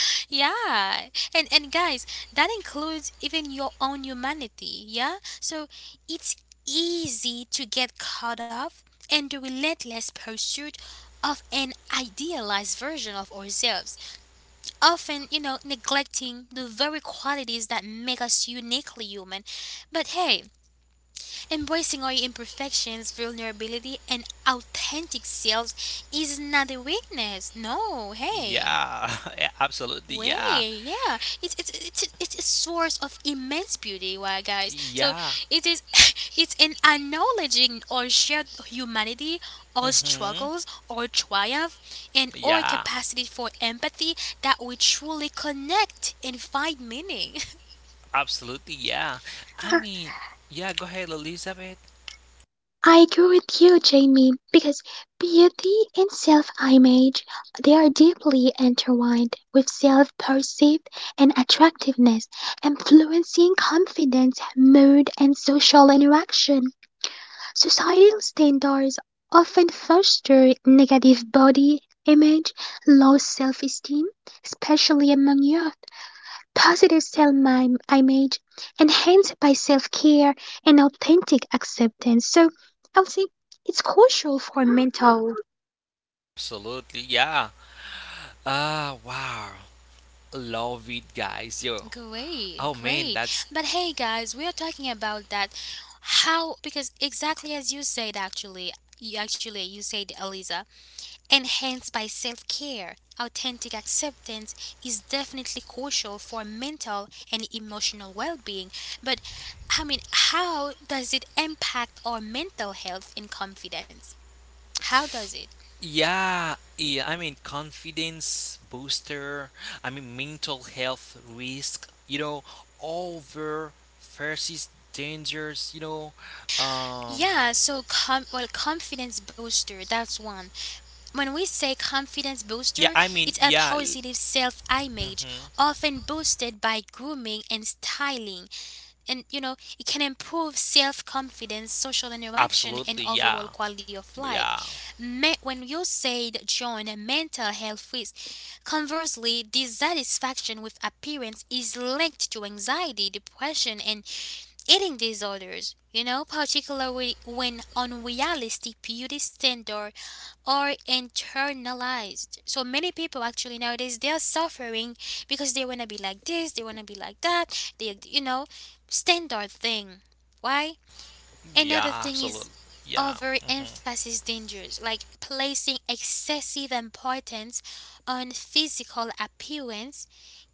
Yeah. And guys, that includes even your own humanity, yeah? So it's easy to get caught up in the relentless pursuit of an idealized version of ourselves, often, you know, neglecting the very qualities that make us uniquely human. But hey, embracing our imperfections, vulnerability, and authentic selves is not a weakness. No, hey. yeah, yeah, absolutely, yeah, Way, yeah, it's a source of immense beauty, why, guys? So yeah, it is. It's an acknowledging or shared humanity, our mm-hmm, struggles, our triumph, and our yeah, capacity for empathy that we truly connect and find meaning. absolutely, yeah. I mean, yeah, go ahead, Elizabeth. I agree with you, Jamie, because beauty and self image they are deeply intertwined with self perceived and attractiveness, influencing confidence, mood and social interaction. Societal standards often foster negative body image, low self esteem, especially among youth. Positive self image enhanced by self care and authentic acceptance. So I would say it's crucial for mental. Absolutely, yeah. Ah, wow, love it, guys, yo. Great, Oh man, great. that's. But hey, guys, we are talking about that, how, because exactly as you said, actually, you said, Eliza, enhanced by self care. Authentic acceptance is definitely crucial for mental and emotional well being. But I mean, how does it impact our mental health and confidence? How does Yeah, yeah. I mean, confidence booster. I mean, mental health risk. You know, over versus dangers. You know, um, Yeah, so confidence booster, that's one. When we say confidence yeah. booster, I mean, it's a yeah. positive self image, Mm-hmm. often boosted by grooming and styling. And you know, it can improve self confidence, social interaction, and Absolutely, overall yeah, quality of yeah, life. When you said join a mental health risk, conversely, dissatisfaction with appearance is linked to anxiety, depression, and eating disorders, you know, particularly when unrealistic beauty standards are internalized. So many people actually nowadays they are suffering because they wanna be like this, they wanna be like that, they you know, standard thing. Why? Another yeah. thing Absolutely, is yeah. Mm-hmm. overemphasis dangers, like placing excessive importance on physical appearance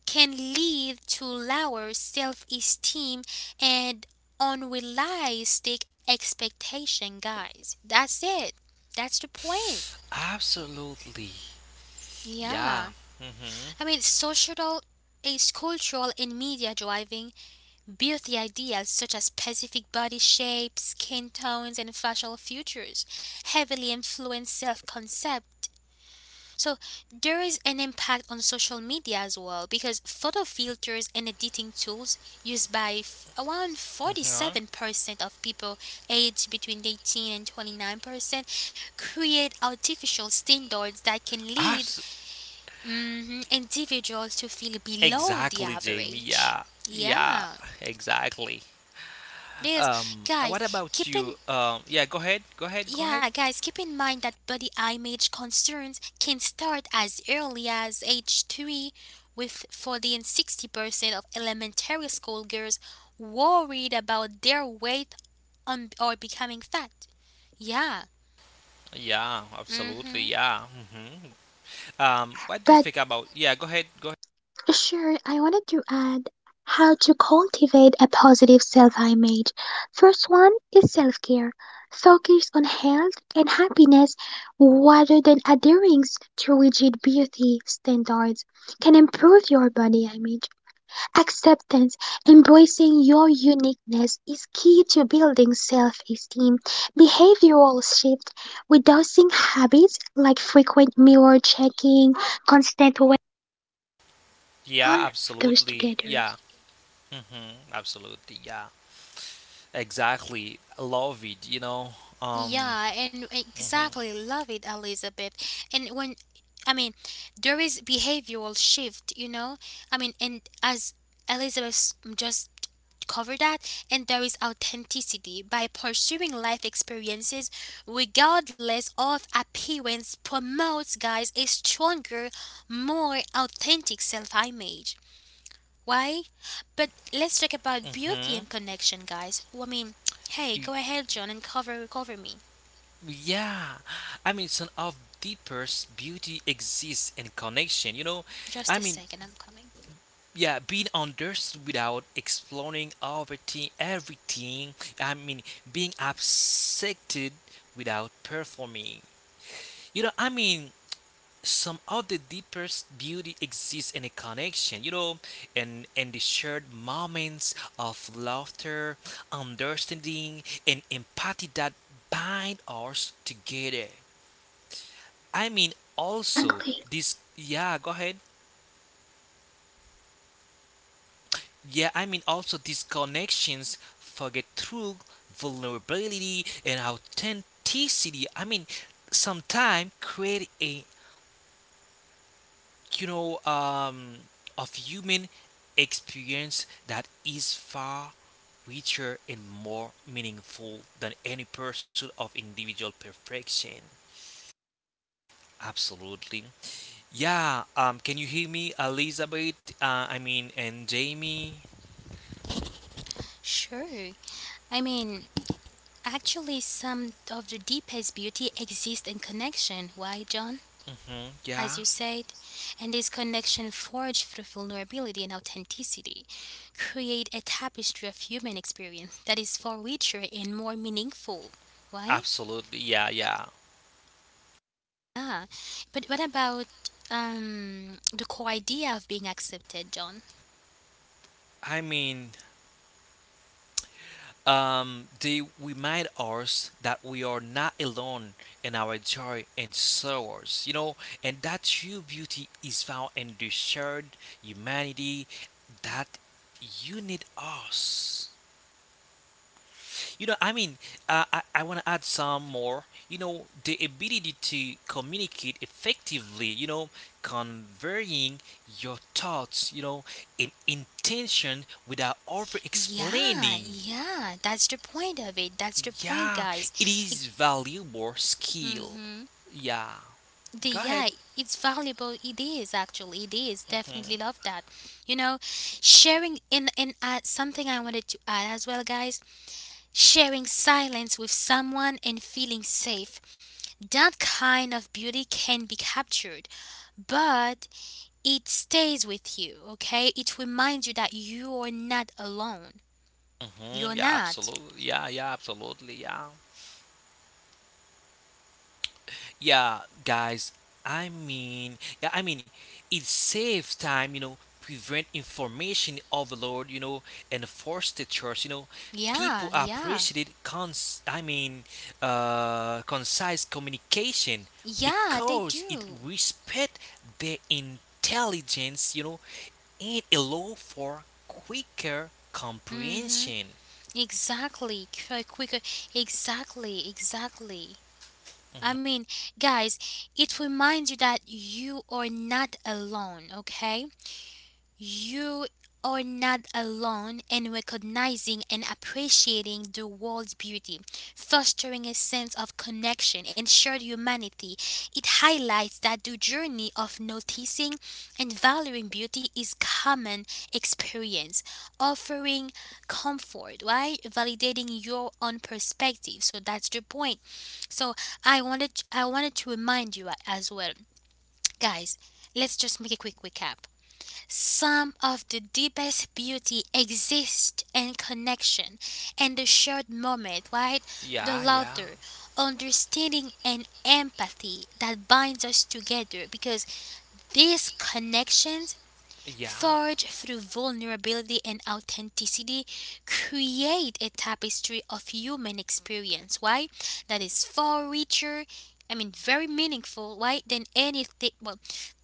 can lead to lower self-esteem and unrealistic expectation, guys. That's it. That's the point. Absolutely, Yeah. yeah. I mean, Mm-hmm. social is cultural and media driving beauty ideals such as specific body shapes, skin tones, and facial features heavily influence self concept. So, there is an impact on social media as well because photo filters and editing tools used by around Mm-hmm. 47% of people aged between 18 and 29% create artificial standards that can lead Abs- individuals to feel below the exactly, Jamie. average. Yeah, yeah. Yeah. Exactly. Because What guys, about you? Yeah, go ahead, go ahead, go ahead. Keep in mind that body image concerns can start as early as age 3 with 40 and 60% of elementary school girls worried about their weight on, or becoming fat. Yeah. Yeah, absolutely. Mhm. Yeah. Hmm. What do you But think about? Yeah, go ahead, go ahead. sure, I wanted to add how to cultivate a positive self image. First one is self care. Focus on health and happiness rather than adhering to rigid beauty standards can improve your body image. Acceptance, embracing your uniqueness, is key to building self esteem. Behavioral shift, reducing habits like frequent mirror checking, constant weight, Yeah, all of those absolutely. together. Yeah. Hmm. Absolutely. Yeah. Exactly. Love it. Um. Yeah, and Hmm. exactly. Love it, Elizabeth. And when, I mean, there is behavioral shift, you know? I mean, and as Elizabeth just covered that, and there is authenticity by pursuing life experiences regardless of appearance promotes, guys, a stronger, more authentic self image. Why? But let's talk about beauty Hmm. and connection, guys. Well, I mean, hey, Y- go ahead, John, and cover me. Yeah. I mean, some of deepest beauty exists in connection. You know, Just a I mean, second, I'm coming. yeah, being understood without exploring everything. I mean, being accepted without performing, you know. I mean, some of the deepest beauty exists in a connection, you know. And the shared moments of laughter, understanding and empathy that bind us Exactly. together. I mean, also this, yeah, go ahead. Yeah, I mean also these connections forget true vulnerability and authenticity. I mean, sometimes create a, you know um of human experience that is far richer and more meaningful than any pursuit of individual perfection. Absolutely. Yeah. Can you hear me, Elizabeth? I mean, and Jamie. Sure. I mean, actually, some of the deepest beauty exists in connection. Why, John? Hmm. As you Yeah. said, and this connection forged through vulnerability and authenticity create a tapestry of human experience that is far richer and more meaningful. Why? Absolutely. Yeah. Yeah. Yeah. But what about the core idea of being accepted, John? I mean, they remind us that we are not alone in our joy and sorrows, you know, and that true beauty is found in the shared humanity that you need us. You Yeah, know, I mean, I want to add and some more. You know, the ability to communicate effectively, you know, conveying your thoughts, you know, in intention without over Yeah, explaining. yeah, that's the point of it. That's the point, Yeah, guys. it is value more skill. Mm-hmm. Yeah, The, go ahead. yeah, it's valuable. It is actually. It is definitely love that. You know, sharing in and something I wanted to add as well, guys. Sharing silence with someone and feeling safe. That kind of beauty can be captured, but it stays with you. Okay, it reminds you that you are not alone. Hmm. You're Yeah, not. absolutely. Yeah, yeah, absolutely. Yeah. Yeah, guys. I mean, yeah, I mean, it saves time. You know, prevent information overload. You know, and force the trust. You know, Yeah, people yeah, appreciate it. Cons. I mean, concise communication yeah. They because it do. respect their intelligence. You know, and allow for quicker Mm-hmm. comprehension. Exactly, quicker. Exactly, exactly. I mean, guys, it reminds you that you are not alone, okay? You are not alone in recognizing and appreciating the world's beauty, fostering a sense of connection and shared humanity. It highlights that the journey of noticing and valuing beauty is common experience, offering comfort, right? Validating your own perspective. So that's the point. So I wanted to remind you as well, guys. Let's just make a quick recap. Some of the deepest beauty exists in connection and the shared moment, right? The Yeah, laughter, yeah, understanding, and empathy that binds us together because these connections yeah. forge through vulnerability and authenticity, create a tapestry of human experience, why? That is far richer, I mean, very meaningful, why? Than anything, well,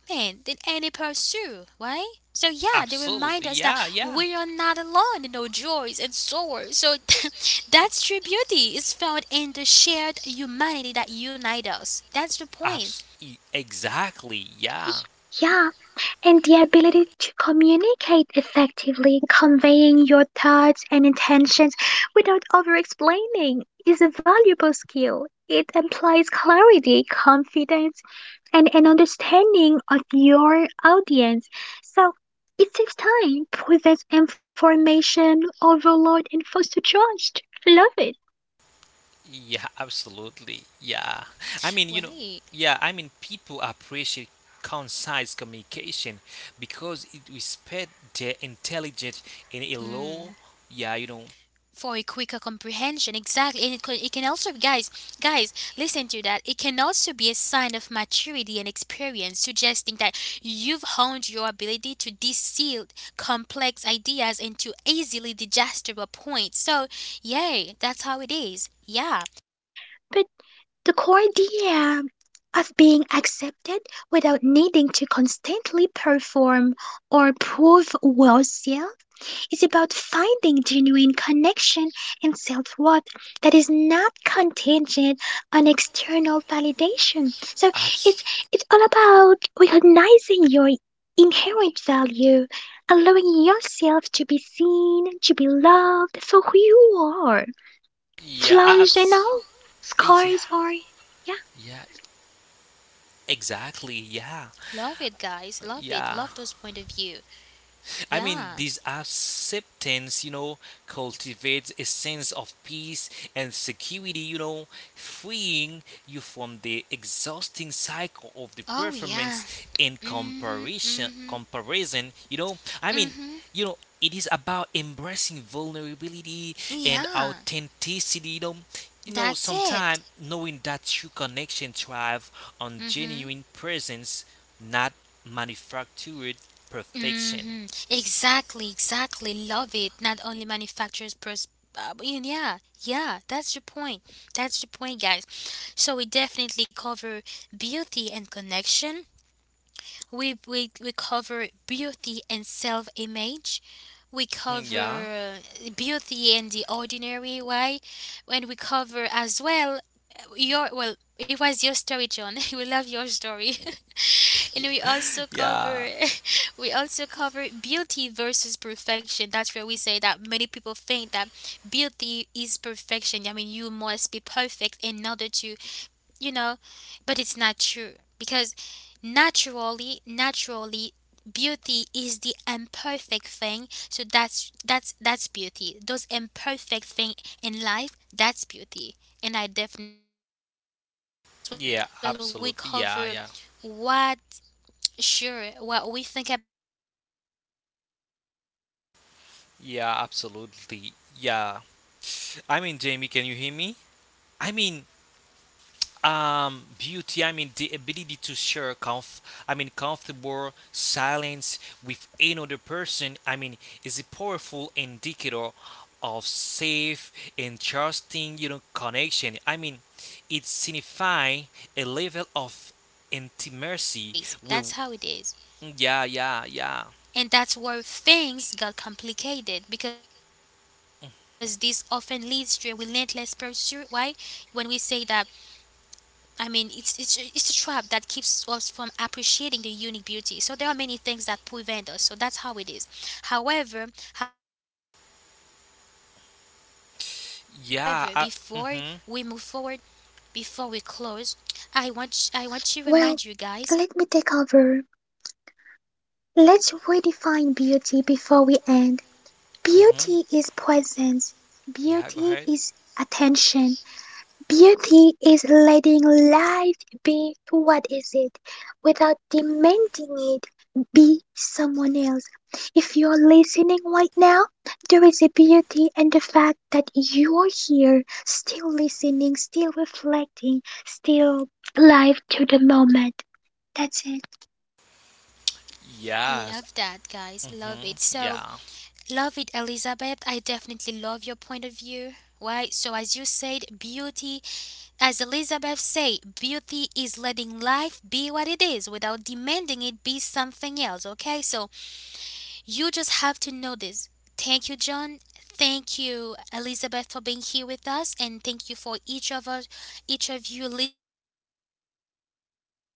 man, than any pursuit, why? So, yeah, they remind Absolutely. us that Yeah, yeah. we are not alone in our joys and sorrows. So, that's true beauty is found in the shared humanity that unites us. That's the point. Exactly. Yeah. Yeah, and the ability to communicate effectively, conveying your thoughts and intentions without over explaining, is a valuable skill. It implies clarity, confidence, and an understanding of your audience. So it saves time, prevents information overload, and fosters trust. Love it. Yeah. Absolutely. Yeah. I mean, you know, Why? yeah. I mean, people appreciate concise communication because it respect their intelligence in a Hmm. low. Yeah. For a quicker comprehension, exactly, and it can also, guys, guys, listen to that, it can also be a sign of maturity and experience, suggesting that you've honed your ability to distill complex ideas into easily digestible points. So yay, that's how it is, yeah. But the core idea of being accepted without needing to constantly perform or prove oneself is about finding genuine connection and self worth that is not contingent on external validation. So it's Abs. it's all about recognizing your inherent value, allowing yourself to be seen, to be loved for who you are, Yeah. flaws and Abs. all, Yeah. scars are, yeah. Yeah. Exactly. Yeah. Love it, guys, love it, Yeah. love those point of view, I mean, yeah. this acceptance, you know, cultivates a sense of peace and security, you know, freeing you from the exhausting cycle of the Oh yeah. performance and Mm mhm. Mm comparison. mhm. Comparison, you know, I Mm mean, mhm. you know, it is about embracing vulnerability and Yeah, authenticity, you know. You know, that's it. sometimes knowing that true connection thrive Mm on mhm. genuine presence, not manufactured perfection. Hmm. Exactly, exactly. Love it. Not only manufacturers, but yeah, yeah. That's the point. That's the point, guys. So we definitely cover beauty and connection. We cover beauty and self-image. We Mm, yeah. cover beauty and the ordinary way, and we cover as well your well. It was your story, John. We love your story. And we Yeah. also Yeah. cover we also cover beauty versus perfection. That's where we say that many people think that beauty is perfection. I mean, you must be perfect in order to, you know, but it's not true because naturally, naturally beauty is the imperfect thing. So that's beauty, those imperfect thing in life, that's beauty, and I definitely love it. And Yeah, as well we absolutely. Yeah, cover yeah. what, sure, what we think about beauty. And remember that we, as we Yeah, said earlier, guys, absolutely. why Yeah. I we mean, Jamie, say can you hear that me? I mean, this, I mean, beauty, I mean, the ability beauty to was share never comf. meant I mean, to be comfortable competitive, it silence was meant with to be another noticed person, I and mean, is a appreciated powerful for indicator what it is. of Why we say safe that, guys? and trusting, you know, Something to connection. measure I mean, yourself it against, something to signifies a chase, level right? of Something to intimacy with, chase, that's how it is. yeah, yeah, yeah. And that's where things got complicated because this often leads to a relentless pursuit. Why? When we say that, I mean, it's a trap that keeps us from appreciating the unique beauty. So there are many things that prevent us. So that's how it is. However, however, before we move forward, before we Yeah. Close, mm-hmm. I want to remind you, guys, Well, let me take over. Let's redefine beauty before we end. Mm-hmm. Beauty is presence. Yeah. Go Beauty ahead. is attention. Beauty is letting life be what is it without demanding it be someone else. If you're listening right now, there is a beauty in the fact that you're here, still listening, still reflecting, still alive to the moment. That's it. Yes. love that guys, love Mm-hmm. it. So Yeah. love it, Elizabeth. I definitely love your point of view. Right? So, as you said, beauty, as Elizabeth said, beauty is letting life be what it is without demanding it be something else. Okay? So, you just have to know this. Thank you, John. Thank you, Elizabeth, for being here with us, and thank you for each of us, each of you listening to the podcast. So,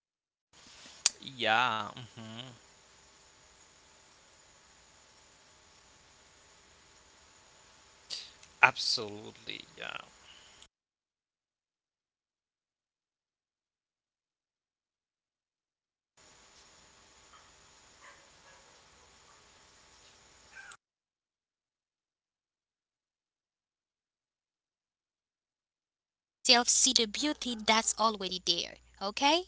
thanks for sharing this hour with Yeah. us. Until Mm-hmm. next time. So, as Elizabeth said, beauty is letting life be what it is. Absolutely. Yeah. Beauty is presence, okay? Beauty is attention. Beauty is imperfect. So, slow down, okay? And look closer. Slow down, look closer, okay? And let yourself see the beauty that's already there, okay?